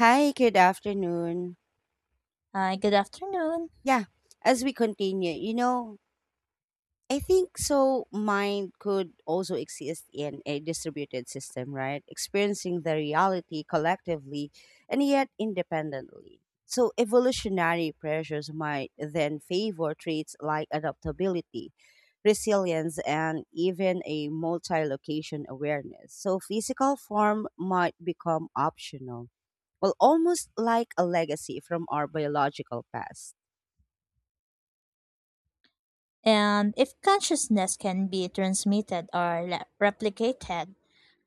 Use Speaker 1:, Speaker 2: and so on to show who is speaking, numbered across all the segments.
Speaker 1: Hi, good afternoon.
Speaker 2: Hi, good afternoon.
Speaker 1: Yeah, as we continue, you know, I think so mind could also exist in a distributed system, right? Experiencing the reality collectively and yet independently. So evolutionary pressures might then favor traits like adaptability, resilience, and even a multi-location awareness. So physical form might become optional. Well, almost like a legacy from our biological past.
Speaker 2: And if consciousness can be transmitted or replicated,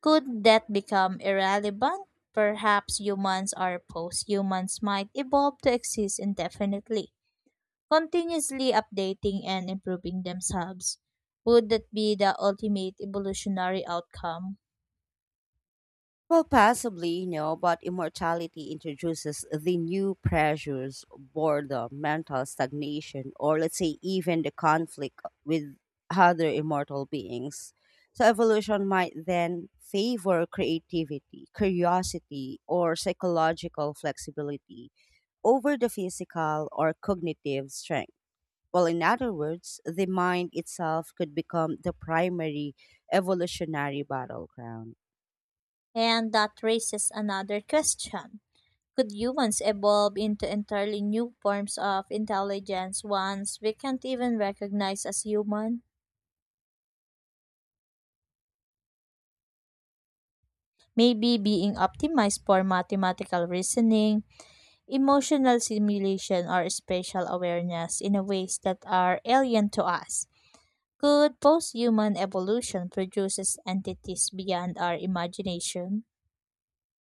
Speaker 2: could that become irrelevant? Perhaps humans or post humans might evolve to exist indefinitely, continuously updating and improving themselves. Would that be the ultimate evolutionary outcome?
Speaker 1: Well, possibly, but immortality introduces the new pressures, boredom, mental stagnation, or let's say even the conflict with other immortal beings. So, evolution might then favor creativity, curiosity, or psychological flexibility over the physical or cognitive strength. Well, in other words, the mind itself could become the primary evolutionary battleground.
Speaker 2: And that raises another question. Could humans evolve into entirely new forms of intelligence ones we can't even recognize as human? Maybe being optimized for mathematical reasoning, emotional simulation, or spatial awareness in ways that are alien to us. Could post human evolution produce entities beyond our imagination?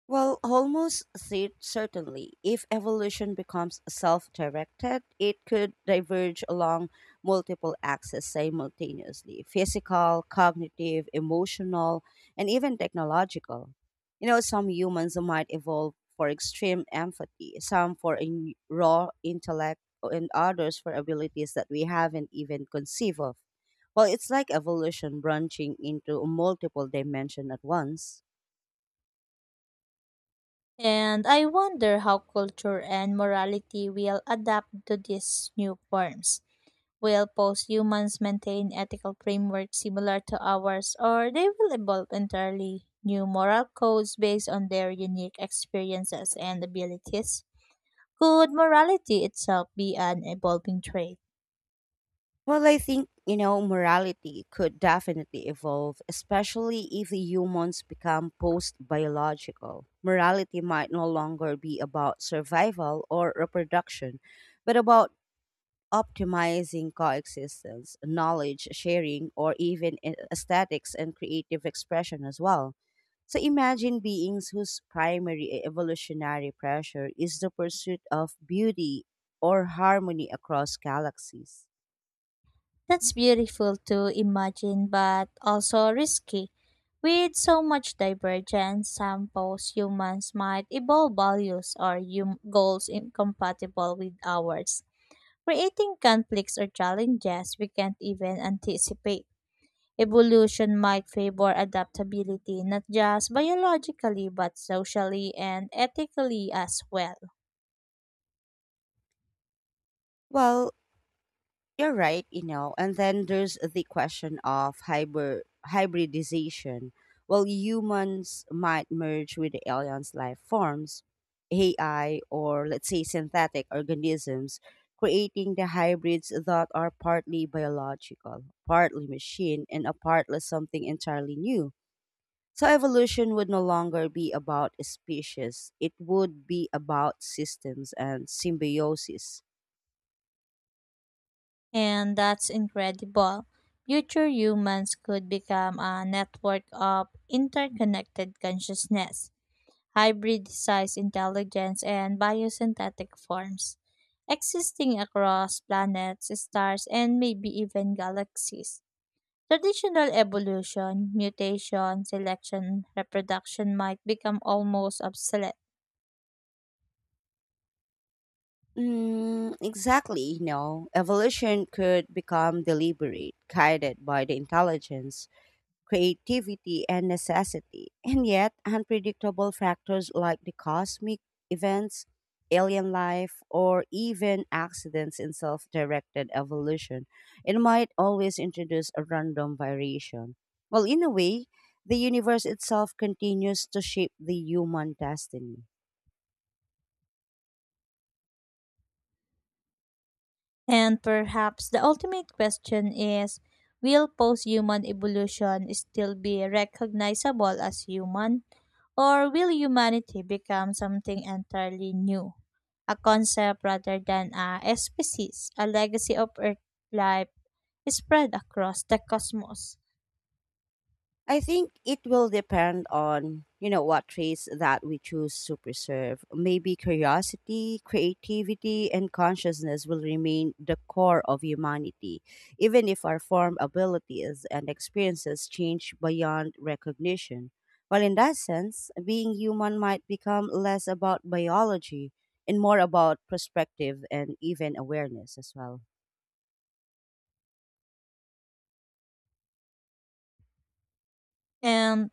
Speaker 1: Well, almost certainly, if evolution becomes self directed, it could diverge along multiple axes simultaneously physical, cognitive, emotional, and even technological. You know, some humans might evolve for extreme empathy, some for raw intellect, and others for abilities that we haven't even conceived of. Well, it's like evolution branching into multiple dimensions at once.
Speaker 2: And I wonder how culture and morality will adapt to these new forms. Will post-humans maintain ethical frameworks similar to ours, or they will evolve entirely new moral codes based on their unique experiences and abilities? Could morality itself be an evolving trait?
Speaker 1: Well, I think morality could definitely evolve, especially if the humans become post biological. Morality might no longer be about survival or reproduction, but about optimizing coexistence, knowledge sharing, or even aesthetics and creative expression as well. So imagine beings whose primary evolutionary pressure is the pursuit of beauty or harmony across galaxies.
Speaker 2: That's beautiful to imagine, but also risky. With so much divergence, some post humans might evolve values or goals incompatible with ours, creating conflicts or challenges we can't even anticipate. Evolution might favor adaptability not just biologically but socially and ethically as well.
Speaker 1: Well, You're right, you know. And then there's the question of hybridization. Well, humans might merge with the aliens' life forms, AI, or let's say synthetic organisms, creating the hybrids that are partly biological, partly machine, and a partly something entirely new. So evolution would no longer be about species; it would be about systems and symbiosis.
Speaker 2: And that's incredible. Future humans could become a network of interconnected consciousness, hybridized intelligence, and biosynthetic forms, existing across planets, stars, and maybe even galaxies. Traditional evolution, mutation, selection, reproduction might become almost obsolete.
Speaker 1: Exactly, evolution could become deliberate, guided by the intelligence, creativity, and necessity. And yet, unpredictable factors like the cosmic events, alien life, or even accidents in self directed evolution, it might always introduce a random variation. Well, in a way, the universe itself continues to shape the human destiny.
Speaker 2: And perhaps the ultimate question is, will post human evolution still be recognizable as human? Or will humanity become something entirely new? A concept rather than a species, a legacy of Earth life spread across the cosmos.
Speaker 1: I think it will depend on what traits that we choose to preserve. Maybe curiosity, creativity, and consciousness will remain the core of humanity, even if our form abilities and experiences change beyond recognition. Well, in that sense, being human might become less about biology and more about perspective and even awareness as well.
Speaker 2: And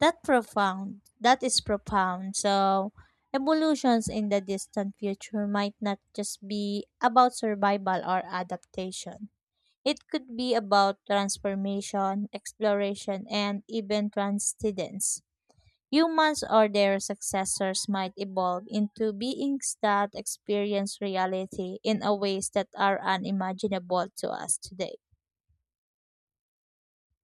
Speaker 2: that profound. That is profound. So, evolutions in the distant future might not just be about survival or adaptation. It could be about transformation, exploration, and even transcendence. Humans or their successors might evolve into beings that experience reality in a ways that are unimaginable to us today.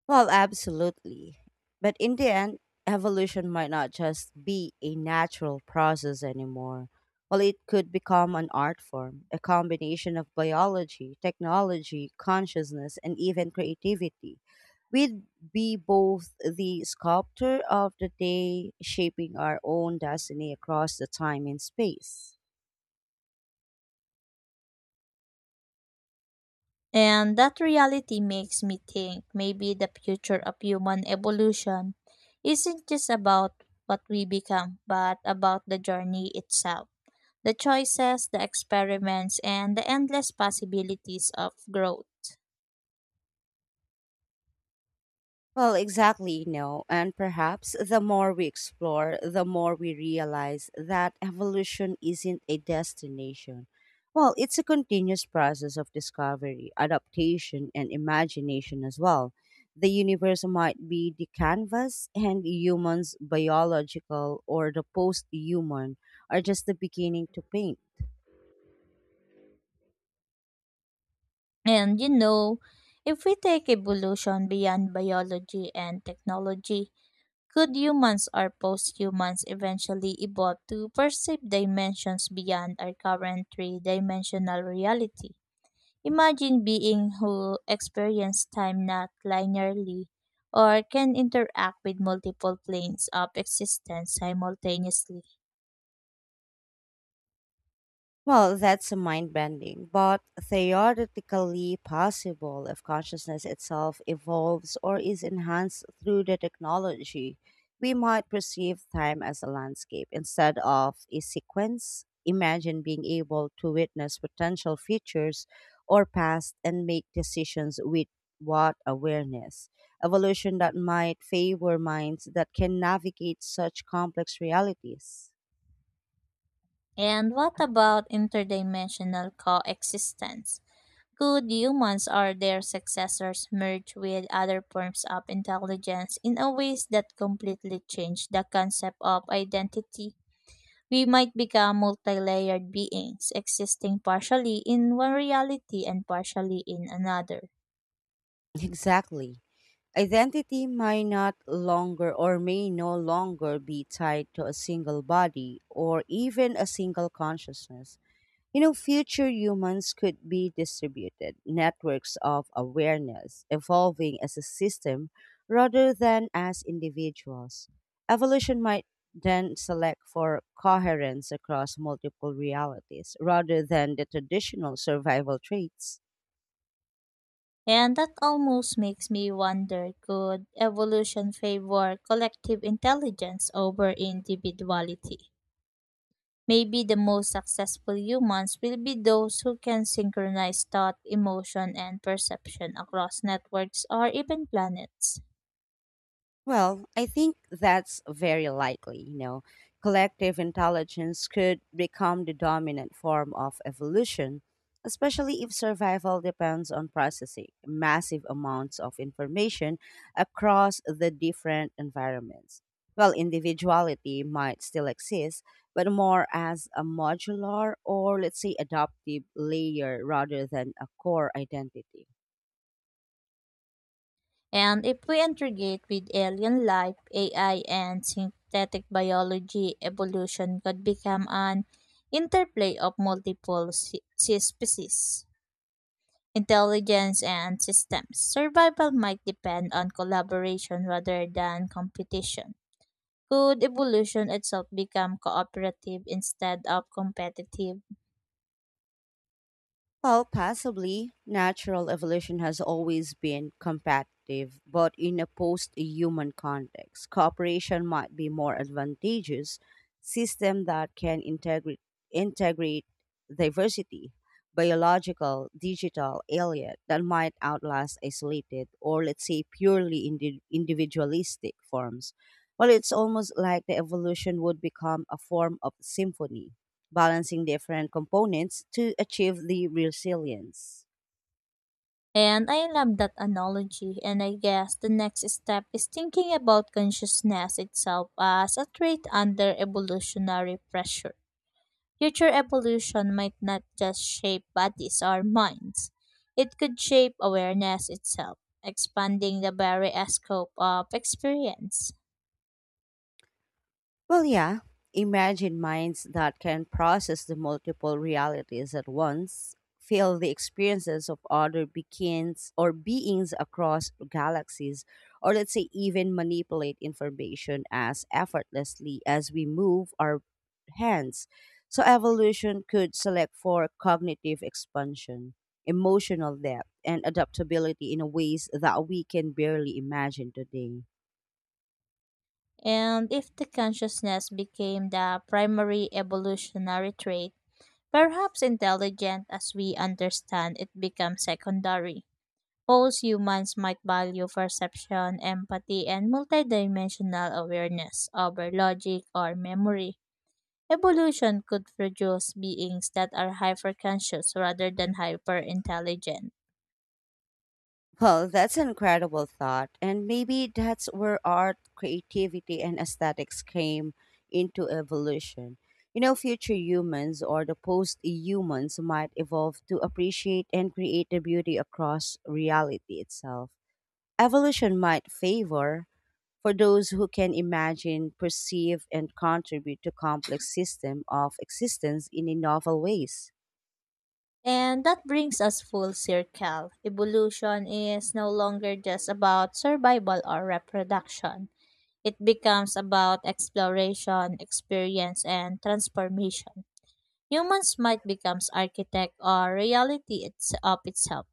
Speaker 1: Well, absolutely. But in the end, evolution might not just be a natural process anymore. Well, it could become an art form, a combination of biology, technology, consciousness, and even creativity. We'd be both the sculptor of the day, shaping our own destiny across the time and space.
Speaker 2: And that reality makes me think maybe the future of human evolution isn't just about what we become, but about the journey itself, the choices, the experiments, and the endless possibilities of growth.
Speaker 1: Well, exactly, no. And perhaps the more we explore, the more we realize that evolution isn't a destination. Well, it's a continuous process of discovery, adaptation, and imagination as well. The universe might be the canvas, and humans, biological or the post human, are just the beginning to paint.
Speaker 2: And you know, if we take evolution beyond biology and technology, could humans or post humans eventually evolve to perceive dimensions beyond our current three dimensional reality? Imagine being who experience time not linearly or can interact with multiple planes of existence simultaneously.
Speaker 1: Well, that's mind bending, but theoretically possible if consciousness itself evolves or is enhanced through the technology. We might perceive time as a landscape instead of a sequence. Imagine being able to witness potential futures or past and make decisions with what awareness. Evolution that might favor minds that can navigate such complex realities.
Speaker 2: And what about interdimensional coexistence? Could humans or their successors merge with other forms of intelligence in a ways that completely change the concept of identity? We might become multi-layered beings, existing partially in one reality and partially in another.
Speaker 1: Exactly. Identity may not longer or may no longer be tied to a single body or even a single consciousness. You know, future humans could be distributed networks of awareness evolving as a system rather than as individuals. Evolution might then select for coherence across multiple realities rather than the traditional survival traits.
Speaker 2: And that almost makes me wonder, could evolution favor collective intelligence over individuality? Maybe the most successful humans will be those who can synchronize thought, emotion, and perception across networks or even planets.
Speaker 1: Well, I think that's very likely. Collective intelligence could become the dominant form of evolution, especially if survival depends on processing massive amounts of information across the different environments. Well, individuality might still exist, but more as a modular or, let's say, adaptive layer rather than a core identity.
Speaker 2: And if we integrate with alien life, AI, and synthetic biology, evolution could become an interplay of multiple species. Intelligence and systems. Survival might depend on collaboration rather than competition. Could evolution itself become cooperative instead of competitive?
Speaker 1: Well, possibly. Natural evolution has always been competitive, but in a post human context, cooperation might be more advantageous system that can integrate diversity, biological, digital, alien that might outlast isolated or let's say purely individualistic forms. Well, it's almost like the evolution would become a form of symphony balancing different components to achieve the resilience.
Speaker 2: And I love that analogy, and I guess the next step is thinking about consciousness itself as a trait under evolutionary pressure. Future evolution might not just shape bodies or minds, it could shape awareness itself, expanding the very scope of experience.
Speaker 1: Well, yeah, imagine minds that can process the multiple realities at once, feel the experiences of other beings or beings across galaxies, or let's say even manipulate information as effortlessly as we move our hands. So, evolution could select for cognitive expansion, emotional depth, and adaptability in ways that we can barely imagine today.
Speaker 2: And if the consciousness became the primary evolutionary trait, perhaps intelligent as we understand it becomes secondary. Most humans might value perception, empathy, and multidimensional awareness over logic or memory. Evolution could produce beings that are hyperconscious rather than hyperintelligent.
Speaker 1: Well, that's an incredible thought. And maybe that's where art, creativity, and aesthetics came into evolution. You know, future humans or the post humans might evolve to appreciate and create the beauty across reality itself. Evolution might favor for those who can imagine, perceive, and contribute to complex system of existence in a novel ways.
Speaker 2: And that brings us full circle. Evolution is no longer just about survival or reproduction. It becomes about exploration, experience, and transformation. Humans might become architect or reality it's of itself,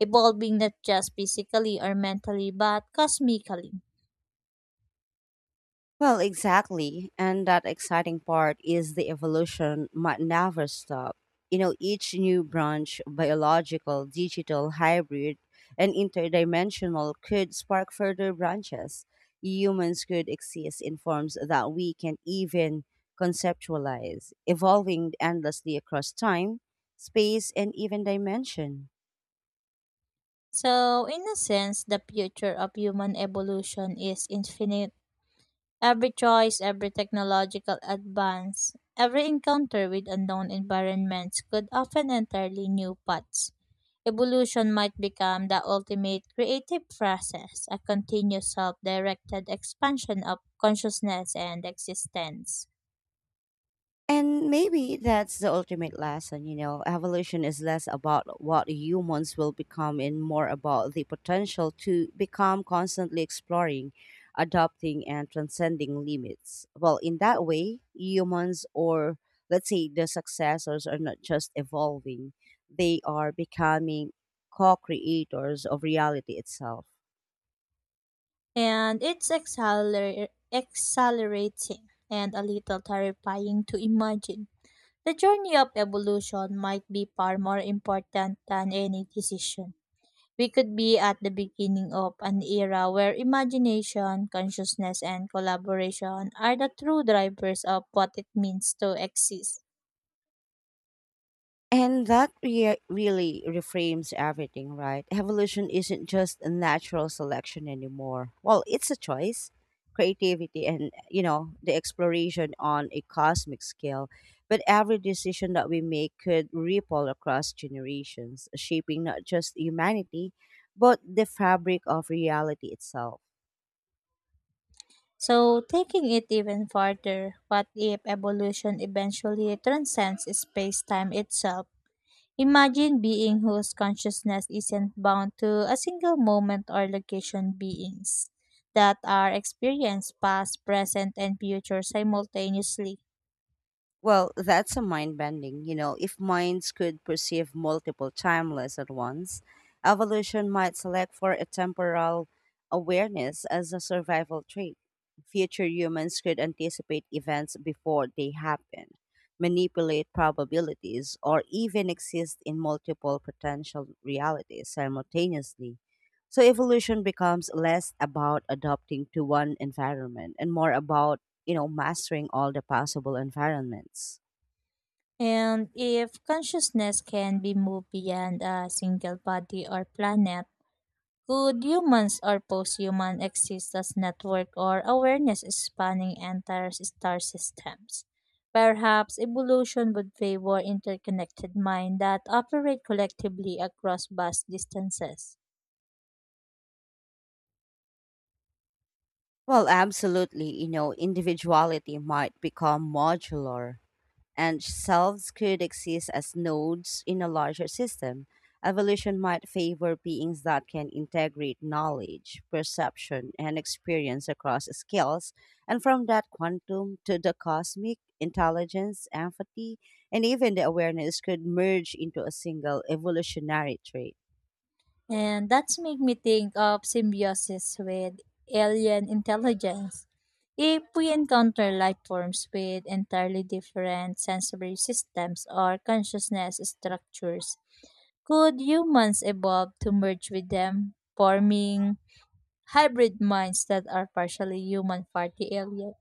Speaker 2: evolving not just physically or mentally but cosmically.
Speaker 1: Well, exactly. And that exciting part is the evolution might never stop. You know, each new branch, biological, digital, hybrid, and interdimensional, could spark further branches. Humans could exist in forms that we can even conceptualize, evolving endlessly across time, space, and even dimension.
Speaker 2: So, in a sense, the future of human evolution is infinite. Every choice, every technological advance, every encounter with unknown environments could often entirely new paths. Evolution might become the ultimate creative process, a continuous self directed expansion of consciousness and existence.
Speaker 1: And maybe that's the ultimate lesson, you know. Evolution is less about what humans will become and more about the potential to become constantly exploring, adopting, and transcending limits. Well, in that way, humans, or let's say the successors, are not just evolving, they are becoming co creators of reality itself.
Speaker 2: And it's accelerating and a little terrifying to imagine. The journey of evolution might be far more important than any decision. We could be at the beginning of an era where imagination, consciousness, and collaboration are the true drivers of what it means to exist.
Speaker 1: And that really reframes everything, right? Evolution isn't just a natural selection anymore. Well, it's a choice, creativity, and, you know, the exploration on a cosmic scale. But every decision that we make could ripple across generations, shaping not just humanity, but the fabric of reality itself.
Speaker 2: So, taking it even further, what if evolution eventually transcends space time itself? Imagine being whose consciousness isn't bound to a single moment or location, beings that are experienced past, present, and future simultaneously.
Speaker 1: Well, that's a mind bending. You know, if minds could perceive multiple timeless at once, evolution might select for a temporal awareness as a survival trait. Future humans could anticipate events before they happen, manipulate probabilities, or even exist in multiple potential realities simultaneously. So, evolution becomes less about adapting to one environment and more about you know, mastering all the possible environments.
Speaker 2: And if consciousness can be moved beyond a single body or planet, could humans or post-human exist as network or awareness spanning entire star systems? Perhaps evolution would favor interconnected minds that operate collectively across vast distances.
Speaker 1: Well, absolutely. You know, individuality might become modular, and selves could exist as nodes in a larger system. Evolution might favor beings that can integrate knowledge, perception, and experience across scales, and from that quantum to the cosmic, intelligence, empathy, and even the awareness could merge into a single evolutionary trait.
Speaker 2: And that's make me think of symbiosis with alien intelligence. If we encounter life forms with entirely different sensory systems or consciousness structures, could humans evolve to merge with them, forming hybrid minds that are partially human, partly alien?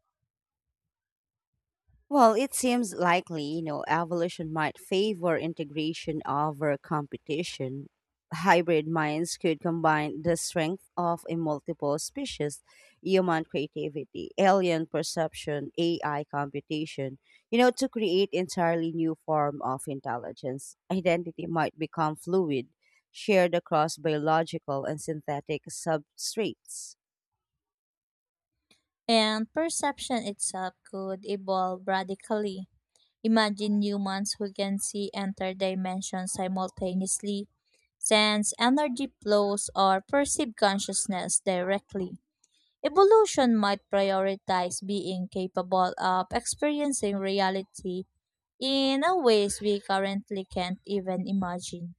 Speaker 1: Well, it seems likely, you know, evolution might favor integration over competition. Hybrid minds could combine the strength of a multiple species, human creativity, alien perception, AI computation, you know, to create entirely new form of intelligence. Identity might become fluid, shared across biological and synthetic substrates.
Speaker 2: And perception itself could evolve radically. Imagine humans who can see enter dimensions simultaneously, sense energy flows, or perceive consciousness directly. Evolution might prioritize being capable of experiencing reality in a ways we currently can't even imagine.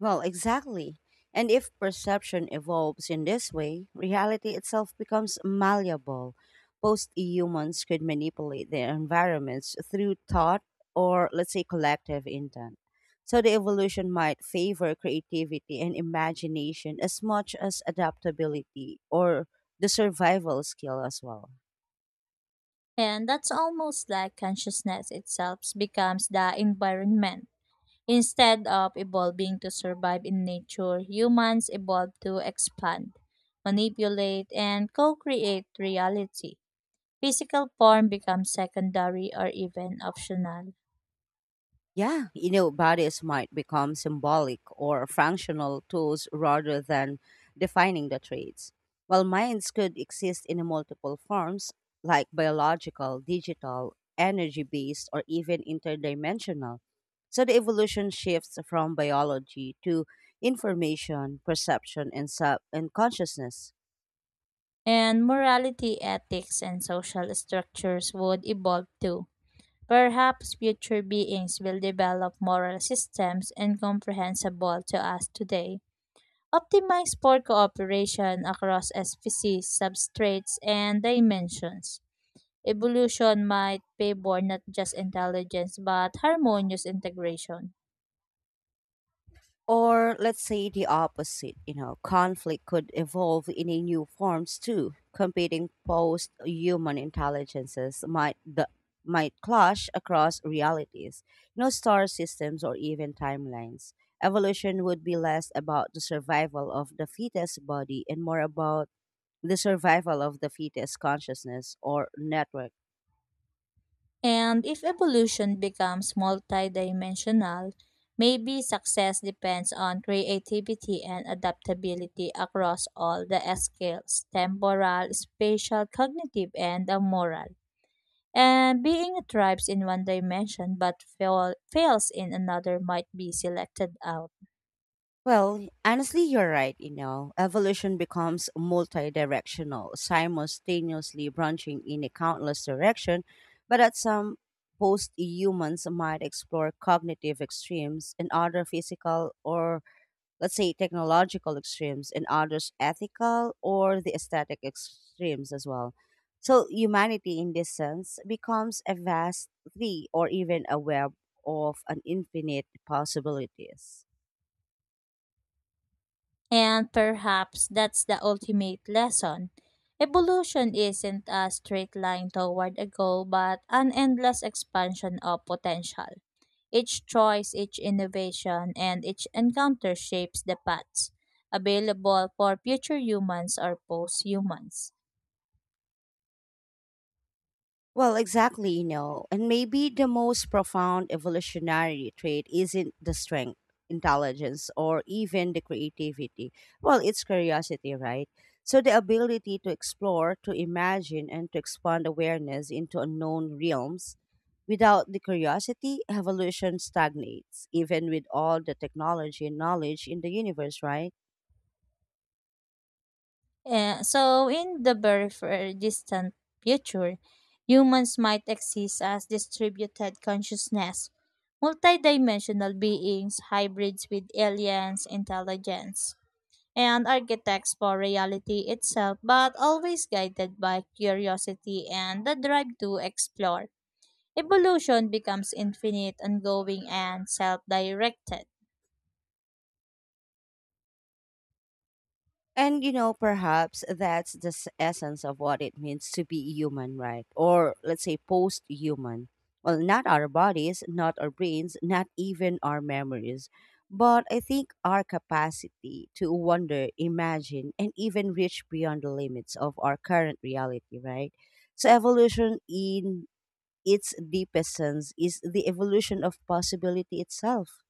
Speaker 1: Well, exactly. And if perception evolves in this way, reality itself becomes malleable. Post humans could manipulate their environments through thought or, let's say, collective intent. So the evolution might favor creativity and imagination as much as adaptability or the survival skill as well.
Speaker 2: And that's almost like consciousness itself becomes the environment. Instead of evolving to survive in nature, humans evolve to expand, manipulate, and co create reality. Physical form becomes secondary or even optional.
Speaker 1: Yeah, you know, bodies might become symbolic or functional tools rather than defining the traits, while minds could exist in multiple forms, like biological, digital, energy based, or even interdimensional. So the evolution shifts from biology to information, perception, and, consciousness.
Speaker 2: And morality, ethics, and social structures would evolve too. Perhaps future beings will develop moral systems incomprehensible to us today, optimized for cooperation across species, substrates, and dimensions. Evolution might favor not just intelligence but harmonious integration.
Speaker 1: Or let's say the opposite, you know, conflict could evolve in a new forms too. Competing post-human intelligences might clash across realities, you know, star systems or even timelines. Evolution would be less about the survival of the fetus body and more about the survival of the fetus consciousness or network.
Speaker 2: And if evolution becomes multidimensional, maybe success depends on creativity and adaptability across all the scales temporal, spatial, cognitive, and the moral. And being a tribe in one dimension but fails in another might be selected out.
Speaker 1: Well, honestly, you're right. You know, evolution becomes multi-directional, simultaneously branching in a countless direction. But at some post-humans might explore cognitive extremes and other physical or let's say technological extremes and others ethical or the aesthetic extremes as well. So humanity in this sense becomes a vast tree or even a web of an infinite possibilities.
Speaker 2: And perhaps that's the ultimate lesson. Evolution isn't a straight line toward a goal, but an endless expansion of potential. Each choice, each innovation, and each encounter shapes the paths available for future humans or post humans.
Speaker 1: Well, exactly, you know, and maybe the most profound evolutionary trait isn't the strength, intelligence, or even the creativity. Well, it's curiosity, right? So the ability to explore, to imagine, and to expand awareness into unknown realms. Without the curiosity, evolution stagnates, even with all the technology and knowledge in the universe, right?
Speaker 2: So, in the very far distant future, humans might exist as distributed consciousness, multidimensional beings, hybrids with aliens, intelligence, and architects for reality itself, but always guided by curiosity and the drive to explore. Evolution becomes infinite, ongoing, and self directed.
Speaker 1: And you know, perhaps that's the essence of what it means to be human, right? Or let's say post human. Well, not our bodies, not our brains, not even our memories, but I think our capacity to wonder, imagine, and even reach beyond the limits of our current reality, right? So, evolution in its deepest sense is the evolution of possibility itself.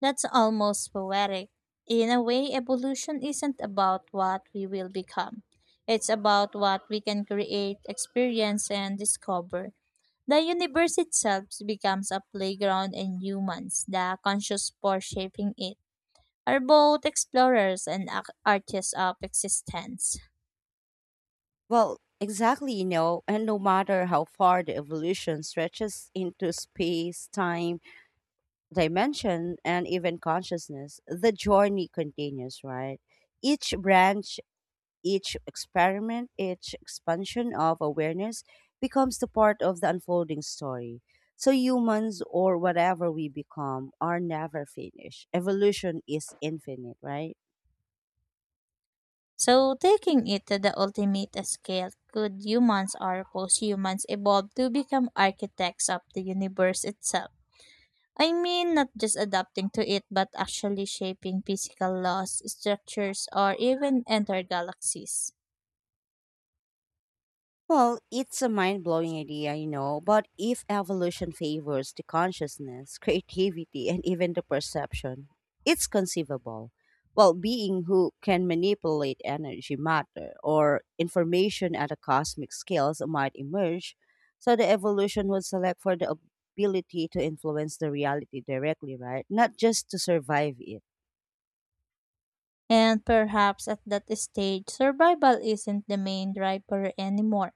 Speaker 2: That's almost poetic. In a way, evolution isn't about what we will become. It's about what we can create, experience, and discover. The universe itself becomes a playground, and humans, the conscious force shaping it, are both explorers and artists of existence.
Speaker 1: Well, exactly, you know, and no matter how far the evolution stretches into space, time, dimension, and even consciousness, the journey continues, right? Each branch, each experiment, each expansion of awareness becomes the part of the unfolding story. So, humans or whatever we become are never finished. Evolution is infinite, right?
Speaker 2: So, taking it to the ultimate scale, could humans or post humans evolve to become architects of the universe itself? I mean, not just adapting to it, but actually shaping physical laws, structures, or even entire galaxies.
Speaker 1: Well, it's a mind blowing idea, you know, but if evolution favors the consciousness, creativity, and even the perception, it's conceivable. Well, being who can manipulate energy, matter, or information at a cosmic scale might emerge, so the evolution would select for the ability to influence the reality directly, right? Not just to survive it.
Speaker 2: And perhaps at that stage, survival isn't the main driver anymore.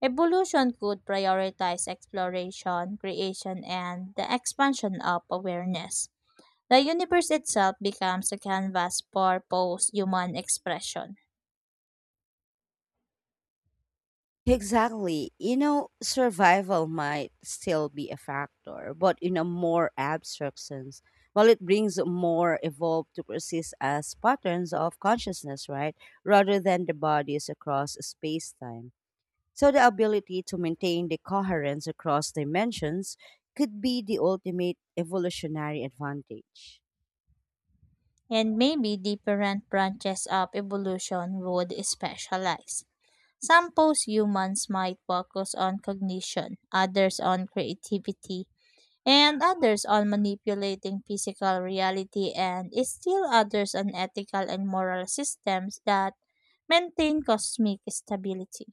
Speaker 2: Evolution could prioritize exploration, creation, and the expansion of awareness. The universe itself becomes a canvas for post human expression.
Speaker 1: Exactly. You know, survival might still be a factor, but in a more abstract sense. While it brings more evolved to persist as patterns of consciousness, right? Rather than the bodies across space time. So the ability to maintain the coherence across dimensions could be the ultimate evolutionary advantage.
Speaker 2: And maybe different branches of evolution would specialize. Some post-humans might focus on cognition, others on creativity, and others on manipulating physical reality, and still others on ethical and moral systems that maintain cosmic stability.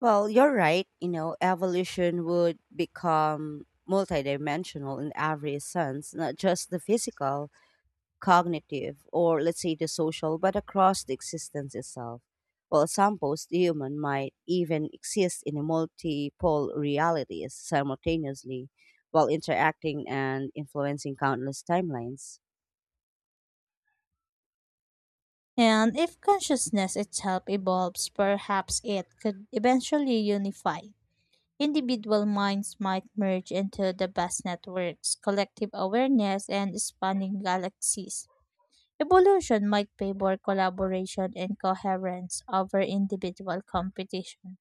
Speaker 1: Well, you're right. You know, evolution would become multidimensional in every sense, not just the physical cognitive, or let's say the social, but across the existence itself. While some post human might even exist in a multiple realities simultaneously while interacting and influencing countless timelines.
Speaker 2: And if consciousness itself evolves, perhaps it could eventually unify. Individual minds might merge into the vast networks, collective awareness, and spanning galaxies. Evolution might favor collaboration and coherence over individual competition.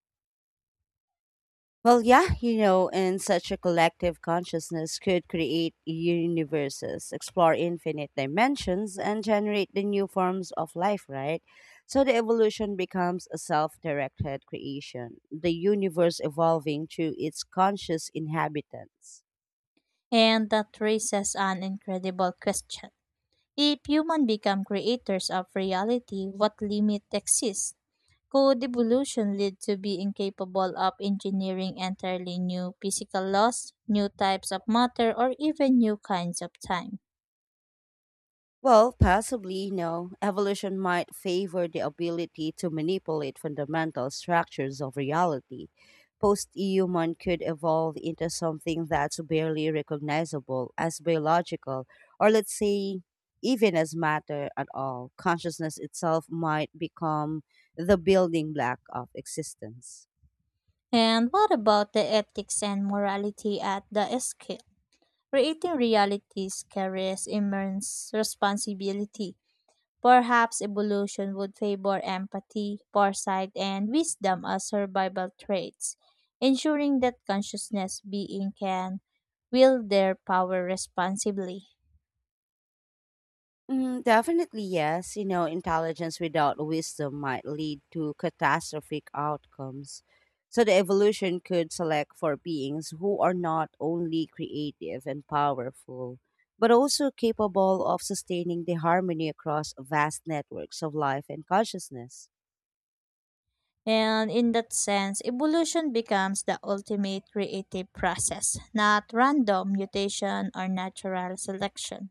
Speaker 1: Well, yeah, you know, and such a collective consciousness could create universes, explore infinite dimensions, and generate the new forms of life, right? So the evolution becomes a self directed creation, the universe evolving through its conscious inhabitants.
Speaker 2: And that raises an incredible question. If humans become creators of reality, what limit exists? Could evolution lead to being capable of engineering entirely new physical laws, new types of matter, or even new kinds of time?
Speaker 1: Well, possibly, no. Evolution might favor the ability to manipulate fundamental structures of reality. Post human could evolve into something that's barely recognizable as biological, or let's say, even as matter at all. Consciousness itself might become the building block of existence.
Speaker 2: And what about the ethics and morality at the scale? Creating realities carries immense responsibility. Perhaps evolution would favor empathy, foresight, and wisdom as survival traits, ensuring that consciousness being can wield their power responsibly.
Speaker 1: Mm, definitely, yes. You know, intelligence without wisdom might lead to catastrophic outcomes. So the evolution could select for beings who are not only creative and powerful, but also capable of sustaining the harmony across vast networks of life and consciousness.
Speaker 2: And in that sense, evolution becomes the ultimate creative process, not random mutation or natural selection.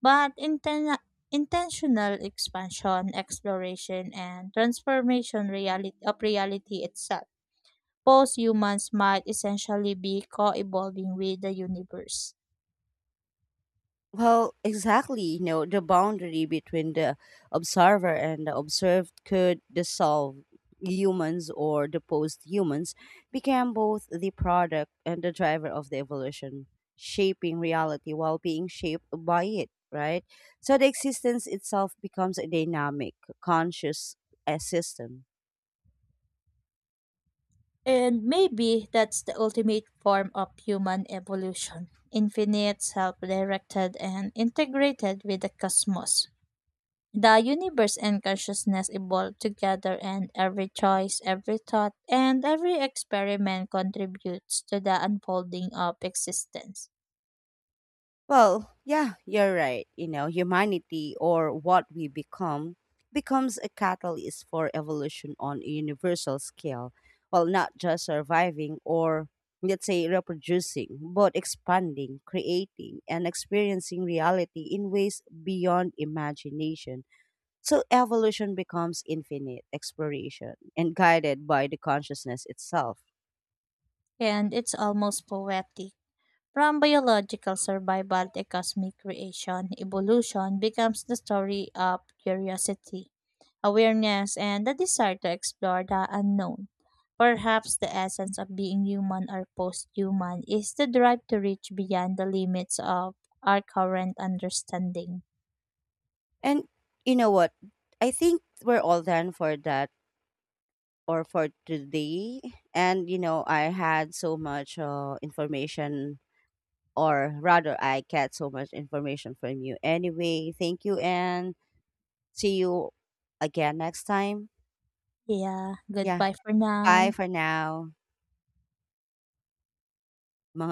Speaker 2: But intentional expansion, exploration, and transformation reality of reality itself pose humans might essentially be co-evolving with the universe.
Speaker 1: Well, exactly. You know, the boundary between the observer and the observed could dissolve humans or the post humans became both the product and the driver of the evolution, shaping reality while being shaped by it, right? So the existence itself becomes a dynamic, conscious system.
Speaker 2: And maybe that's the ultimate form of human evolution, infinite, self-directed, and integrated with the cosmos. The universe and consciousness evolve together, and every choice, every thought, and every experiment contributes to the unfolding of existence.
Speaker 1: Well, yeah, you're right. You know, humanity or what we become becomes a catalyst for evolution on a universal scale. Well, not just surviving or let's say reproducing, but expanding, creating, and experiencing reality in ways beyond imagination. So evolution becomes infinite exploration and guided by the consciousness itself.
Speaker 2: And it's almost poetic. From biological survival to cosmic creation, evolution becomes the story of curiosity, awareness, and the desire to explore the unknown. Perhaps the essence of being human or post human is the drive to reach beyond the limits of our current understanding.
Speaker 1: And you know what? I think we're all done for that or for today. And you know, I had so much information, or rather, I get so much information from you. Anyway, thank you, and see you again next time.
Speaker 2: Yeah,
Speaker 1: Yeah,
Speaker 2: goodbye for
Speaker 1: bye
Speaker 2: now.
Speaker 1: for now, mga